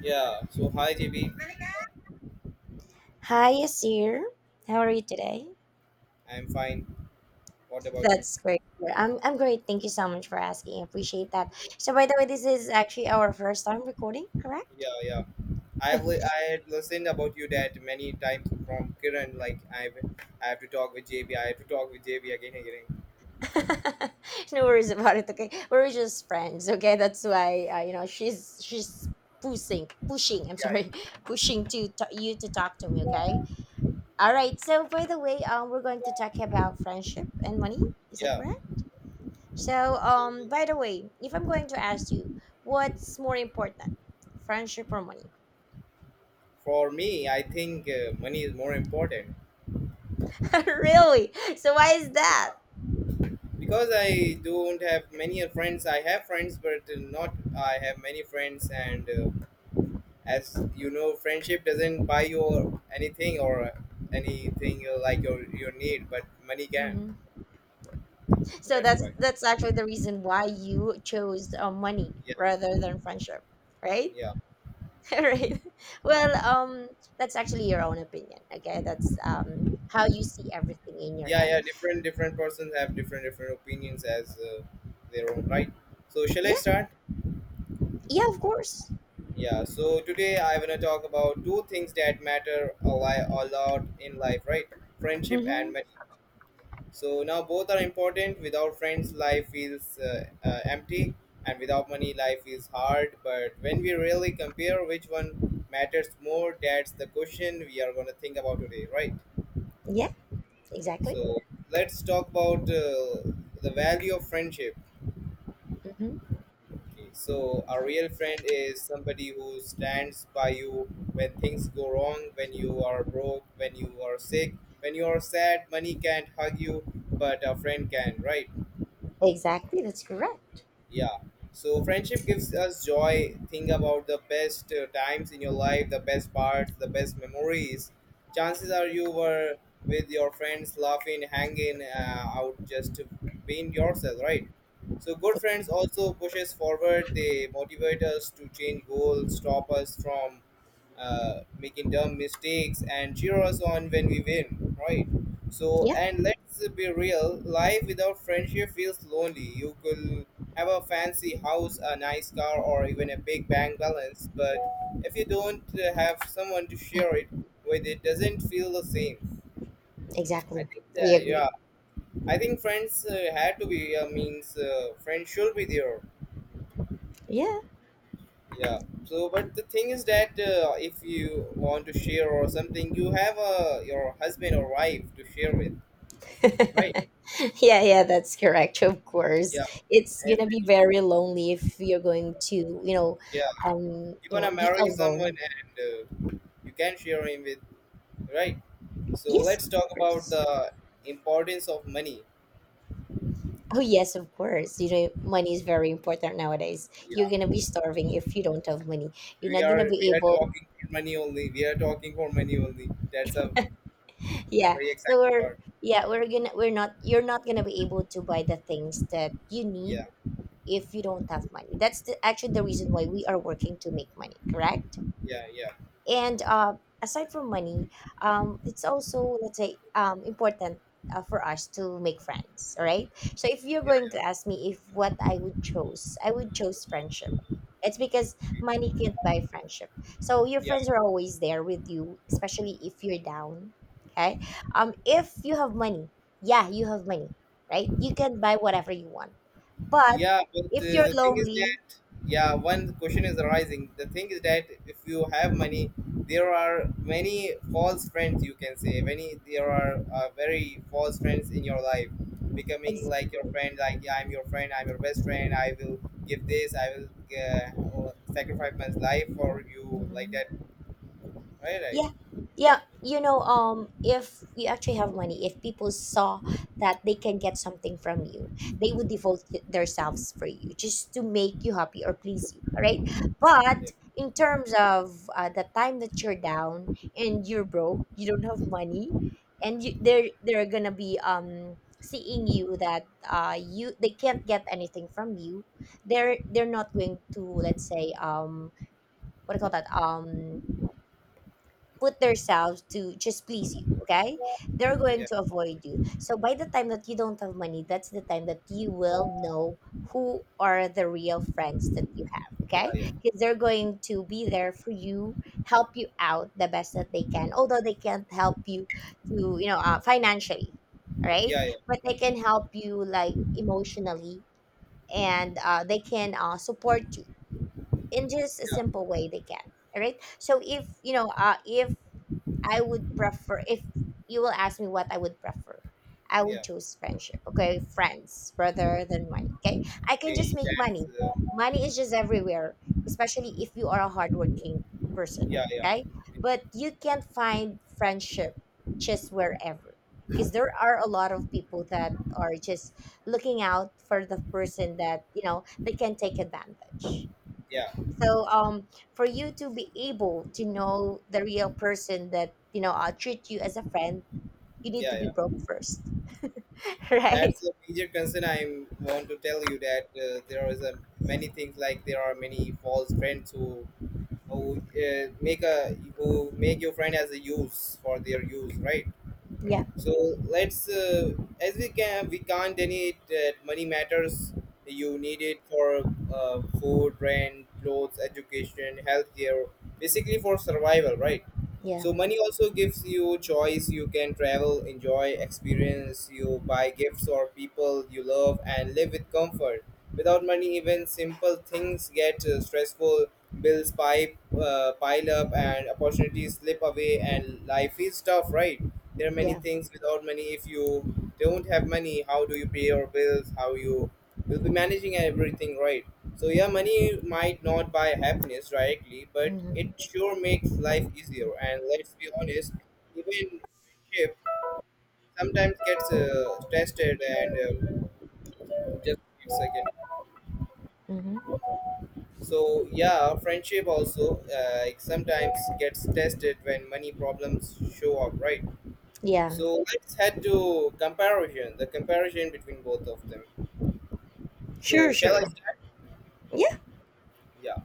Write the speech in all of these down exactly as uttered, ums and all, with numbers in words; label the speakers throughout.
Speaker 1: Yeah. So hi J B,
Speaker 2: Hi, Asir. How are you today?
Speaker 1: I'm fine. What about you?
Speaker 2: That's great. Yeah, I'm, I'm great. Thank you so much for asking. I appreciate that. So, by the way, this is actually our first time recording, correct?
Speaker 1: Yeah, yeah. I have li- I had listened about you that many times from Kiran. Like I I have to talk with J B. I have to talk with J B again and again.
Speaker 2: no worries about it. Okay, we're just friends. Okay, that's why uh, you know she's she's pushing, pushing. I'm sorry,
Speaker 1: Yeah,
Speaker 2: pushing to t- you to talk to me. Okay. All right. So, by the way, um, we're going to talk about friendship and money. Is that
Speaker 1: yeah.
Speaker 2: correct? So,
Speaker 1: So
Speaker 2: um, by the way, if I'm going to ask you, what's more important, friendship or money?
Speaker 1: for me, I think uh, money is more important
Speaker 2: Really? So why is that?
Speaker 1: because I don't have many friends. I have friends, but not I have many friends. And uh, As you know, friendship doesn't buy you anything or anything uh, like your your need, but money can.
Speaker 2: hmm So
Speaker 1: That's
Speaker 2: that's
Speaker 1: why.
Speaker 2: that's actually the reason why you chose uh, money
Speaker 1: Yeah,
Speaker 2: rather than friendship, right?
Speaker 1: yeah,
Speaker 2: Right. Well, um, that's actually your own opinion. Okay, that's um how you see everything in your
Speaker 1: yeah, yeah.
Speaker 2: end.
Speaker 1: Different different persons have different different opinions as uh, their own right. So shall I
Speaker 2: Yeah,
Speaker 1: start?
Speaker 2: yeah, of course.
Speaker 1: Yeah. So today I wanna talk about two things that matter a, li- a lot in life, right? Friendship and
Speaker 2: Mm-hmm.
Speaker 1: money. So now both are important. Without friends, life feels uh, uh, empty, and without money, life is hard. But when we really compare which one matters more, that's the question we are gonna think about today, right?
Speaker 2: Yeah, exactly.
Speaker 1: So let's talk about uh, the value of friendship.
Speaker 2: Mm-hmm.
Speaker 1: Okay, so a real friend is somebody who stands by you when things go wrong, when you are broke, when you are sick, when you are sad. Money can't hug you, but a friend can, right?
Speaker 2: Exactly. That's correct.
Speaker 1: Yeah, so friendship gives us joy. Think about the best uh, times in your life, the best parts, the best memories. Chances are you were with your friends, laughing, hanging uh, out, just being yourself, right? So good friends also push us forward. They motivate us to change goals, stop us from uh, making dumb mistakes, and cheer us on when we win, right? So,
Speaker 2: Yeah,
Speaker 1: and let's be real, life without friendship feels lonely. You could have a fancy house, a nice car, or even a big bank balance, but if you don't uh, have someone to share it with, it doesn't feel the same. I
Speaker 2: exactly.
Speaker 1: think
Speaker 2: I
Speaker 1: that,
Speaker 2: agree.
Speaker 1: yeah, I think friends uh, had to be, uh, means uh, friends should be there.
Speaker 2: Yeah.
Speaker 1: Yeah. So, but the thing is that uh, if you want to share or something, you have uh, your husband or wife to share with.
Speaker 2: Yeah, yeah, that's correct. Of course,
Speaker 1: Yeah.
Speaker 2: it's
Speaker 1: If,
Speaker 2: gonna be very lonely if you're going to, you know,
Speaker 1: yeah.
Speaker 2: um,
Speaker 1: You're
Speaker 2: you
Speaker 1: gonna
Speaker 2: know, be
Speaker 1: marry someone,
Speaker 2: alone.
Speaker 1: and uh, you can share him with, right? So
Speaker 2: Yes,
Speaker 1: let's talk
Speaker 2: of
Speaker 1: about
Speaker 2: course.
Speaker 1: the importance of money.
Speaker 2: Oh yes, of course. You know, money is very important nowadays. You're gonna
Speaker 1: Yeah.
Speaker 2: be starving if you don't have money. You're
Speaker 1: We
Speaker 2: not
Speaker 1: are
Speaker 2: gonna
Speaker 1: we
Speaker 2: be
Speaker 1: are
Speaker 2: able.
Speaker 1: talking for money only. We are talking for money only. That's a
Speaker 2: Yeah.
Speaker 1: very exciting
Speaker 2: So we're
Speaker 1: part.
Speaker 2: yeah we're gonna we're not you're not gonna be able to buy the things that you
Speaker 1: Yeah.
Speaker 2: need if you don't have money. That's the, actually the reason why we are working to make money. Correct.
Speaker 1: Yeah. Yeah.
Speaker 2: And uh, aside from money, um, it's also, let's say, um, important uh, for us to make friends. All right, so if you're
Speaker 1: Yeah.
Speaker 2: going to ask me if what I would choose I would choose friendship. It's because money can't buy friendship, so your
Speaker 1: Yeah.
Speaker 2: friends are always there with you, especially if you're down. Okay, um if you have money, yeah, you have money, right? You can buy whatever you want. But
Speaker 1: Yeah, but
Speaker 2: if
Speaker 1: uh,
Speaker 2: you're
Speaker 1: the thing is
Speaker 2: lonely,
Speaker 1: that yeah, one question is arising. The thing is that if you have money, there are many false friends, you can say. Many, there are uh, very false friends in your life, becoming
Speaker 2: exactly.
Speaker 1: like your friend. Like, yeah, I'm your friend. I'm your best friend. I will give this. I will uh, sacrifice my life for you. Like
Speaker 2: Mhm.
Speaker 1: that. Right. Right.
Speaker 2: Yeah, yeah. You know, um, if you actually have money, if people saw that they can get something from you, they would devote y- themselves for you just to make you happy or please you, right?
Speaker 1: Yeah.
Speaker 2: But in terms of uh, the time that you're down and you're broke, you don't have money, and you, they're they're gonna be um seeing you that uh you they can't get anything from you. They're they're not going to, let's say, um what do you call that, um put themselves to just please you. Okay, they're going
Speaker 1: Yeah.
Speaker 2: to avoid you. So by the time that you don't have money, that's the time that you will know who are the real friends that you have.
Speaker 1: Yeah.
Speaker 2: Okay,
Speaker 1: Yeah.
Speaker 2: because they're going to be there for you, help you out the best that they can, although they can't help you to, you know, uh, financially, right?
Speaker 1: Yeah. Yeah.
Speaker 2: But they can help you, like, emotionally, and uh, they can uh, support you in just a
Speaker 1: Yeah.
Speaker 2: simple way they can. All right, so if you know, uh, if I would prefer if you will ask me what I would prefer, I would
Speaker 1: Yeah.
Speaker 2: choose friendship. Okay, friends rather than money. Okay, I can just
Speaker 1: Okay.
Speaker 2: make
Speaker 1: That's.
Speaker 2: money.
Speaker 1: Uh,
Speaker 2: Money is just everywhere, especially if you are a hardworking person.
Speaker 1: yeah. Yeah.
Speaker 2: Okay,
Speaker 1: Yeah.
Speaker 2: but you can't find friendship just wherever, because there are a lot of people that are just looking out for the person that, you know, they can take advantage.
Speaker 1: Yeah.
Speaker 2: So um for you to be able to know the real person that, you know, uh, treat you as a friend, you need to be
Speaker 1: Yeah.
Speaker 2: broke first. Right.
Speaker 1: That's a major concern. I want to tell you that uh, there is a many things, like there are many false friends who who uh, make a who make your friend as a use for their use, right?
Speaker 2: Yeah,
Speaker 1: So let's, uh, as we can, we can't deny it that money matters. You need it for uh, food, rent, clothes, education, healthcare, basically for survival, right?
Speaker 2: yeah,
Speaker 1: So money also gives you choice. You can travel, enjoy, experience. You buy gifts or people you love and live with comfort. Without money, even simple things get uh, stressful. Bills pipe uh, pile up and opportunities slip away, and life is tough, right? There are many
Speaker 2: yeah.
Speaker 1: things without money. If you don't have money, how do you pay your bills? How you will be managing everything, right? So yeah, money might not buy happiness directly, but it
Speaker 2: Mm-hmm.
Speaker 1: sure makes life easier. And let's be honest, even friendship sometimes gets uh, tested, and uh, just a second.
Speaker 2: Mm-hmm.
Speaker 1: So yeah, friendship also uh, sometimes gets tested when money problems show up, right?
Speaker 2: Yeah.
Speaker 1: So let's head to comparison, the comparison between both of them. So
Speaker 2: Sure,
Speaker 1: shall I
Speaker 2: sure.
Speaker 1: start?
Speaker 2: Yeah,
Speaker 1: Yeah.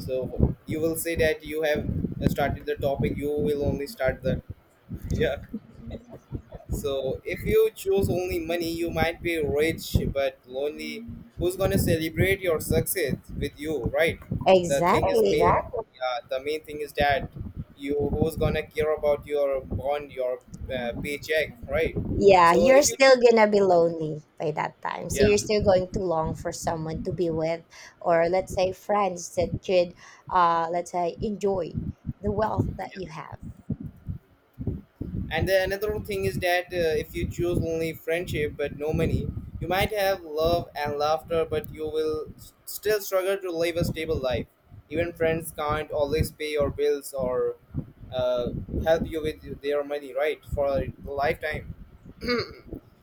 Speaker 1: So you will say that you have started the topic. You will only start the, yeah. So if you choose only money, you might be rich but lonely. Who's gonna celebrate your success with you, right? The thing is main.
Speaker 2: exactly.
Speaker 1: Exactly. Yeah. The main thing is that you who's gonna care about your bond, your uh, paycheck, right?
Speaker 2: Yeah,
Speaker 1: So
Speaker 2: you're
Speaker 1: if you choose,
Speaker 2: still gonna be lonely by that time, so
Speaker 1: yeah.
Speaker 2: you're still going to long for someone to be with, or, let's say, friends that could, uh let's say, enjoy the wealth that you have.
Speaker 1: And then another thing is that uh, if you choose only friendship but no money, you might have love and laughter, but you will s- still struggle to live a stable life. Even friends can't always pay your bills or uh, help you with their money, right, for a lifetime.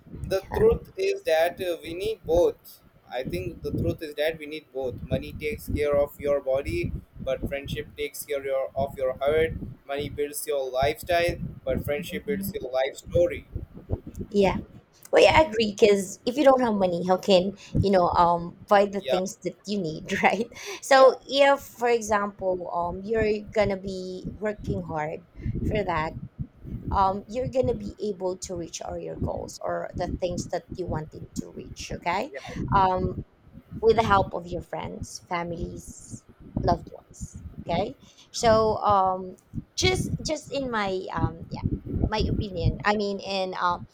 Speaker 1: the truth is that uh, we need both I think the truth is that we need both. Money takes care of your body, but friendship takes care your, of your heart. Money builds your lifestyle, but friendship builds
Speaker 2: Mhm.
Speaker 1: your life story.
Speaker 2: Yeah. Well, yeah, I agree. Because if you don't have money, how can you, know, um buy the
Speaker 1: Yeah,
Speaker 2: things that you need, right? So
Speaker 1: yeah.
Speaker 2: if, for example, um, you're gonna be working hard for that. Um, you're gonna be able to reach all your goals or the things that you wanted to reach. Okay,
Speaker 1: Yeah,
Speaker 2: um, with the help of your friends, families, loved ones. Okay, so um, just just in my um yeah my opinion. I mean, in um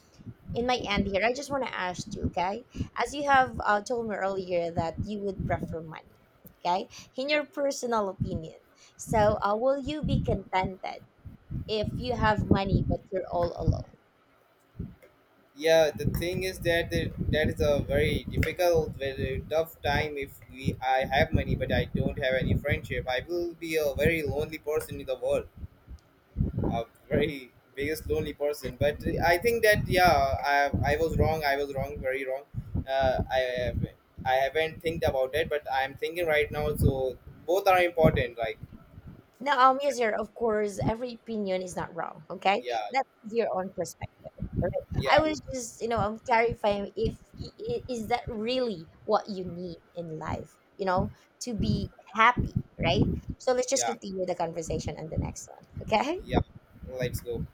Speaker 2: in my end here, I just want to ask you, okay? As you have uh, told me earlier that you would prefer money, okay? In
Speaker 1: yeah,
Speaker 2: your personal opinion, so uh, will you be contented if you have money but you're all alone?
Speaker 1: yeah, the thing is that the, that is a very difficult, very tough time. If we, I have money but I don't have any friendship, I will be a very lonely person in the world, a very biggest lonely person. But I think that, yeah, i i was wrong. I was wrong, very wrong. Uh, i have I haven't think about it, but I'm thinking right now. So both are important, like,
Speaker 2: No, um, yes, sir. Of course, every opinion is not wrong. Okay,
Speaker 1: yeah,
Speaker 2: that's your own perspective. Right? I
Speaker 1: yeah,
Speaker 2: was just, you know, I'm clarifying if I- I- is that really what you need in life, you know, to be happy, right? So let's just
Speaker 1: yeah,
Speaker 2: continue the conversation on the next one. Okay.
Speaker 1: yeah, let's go.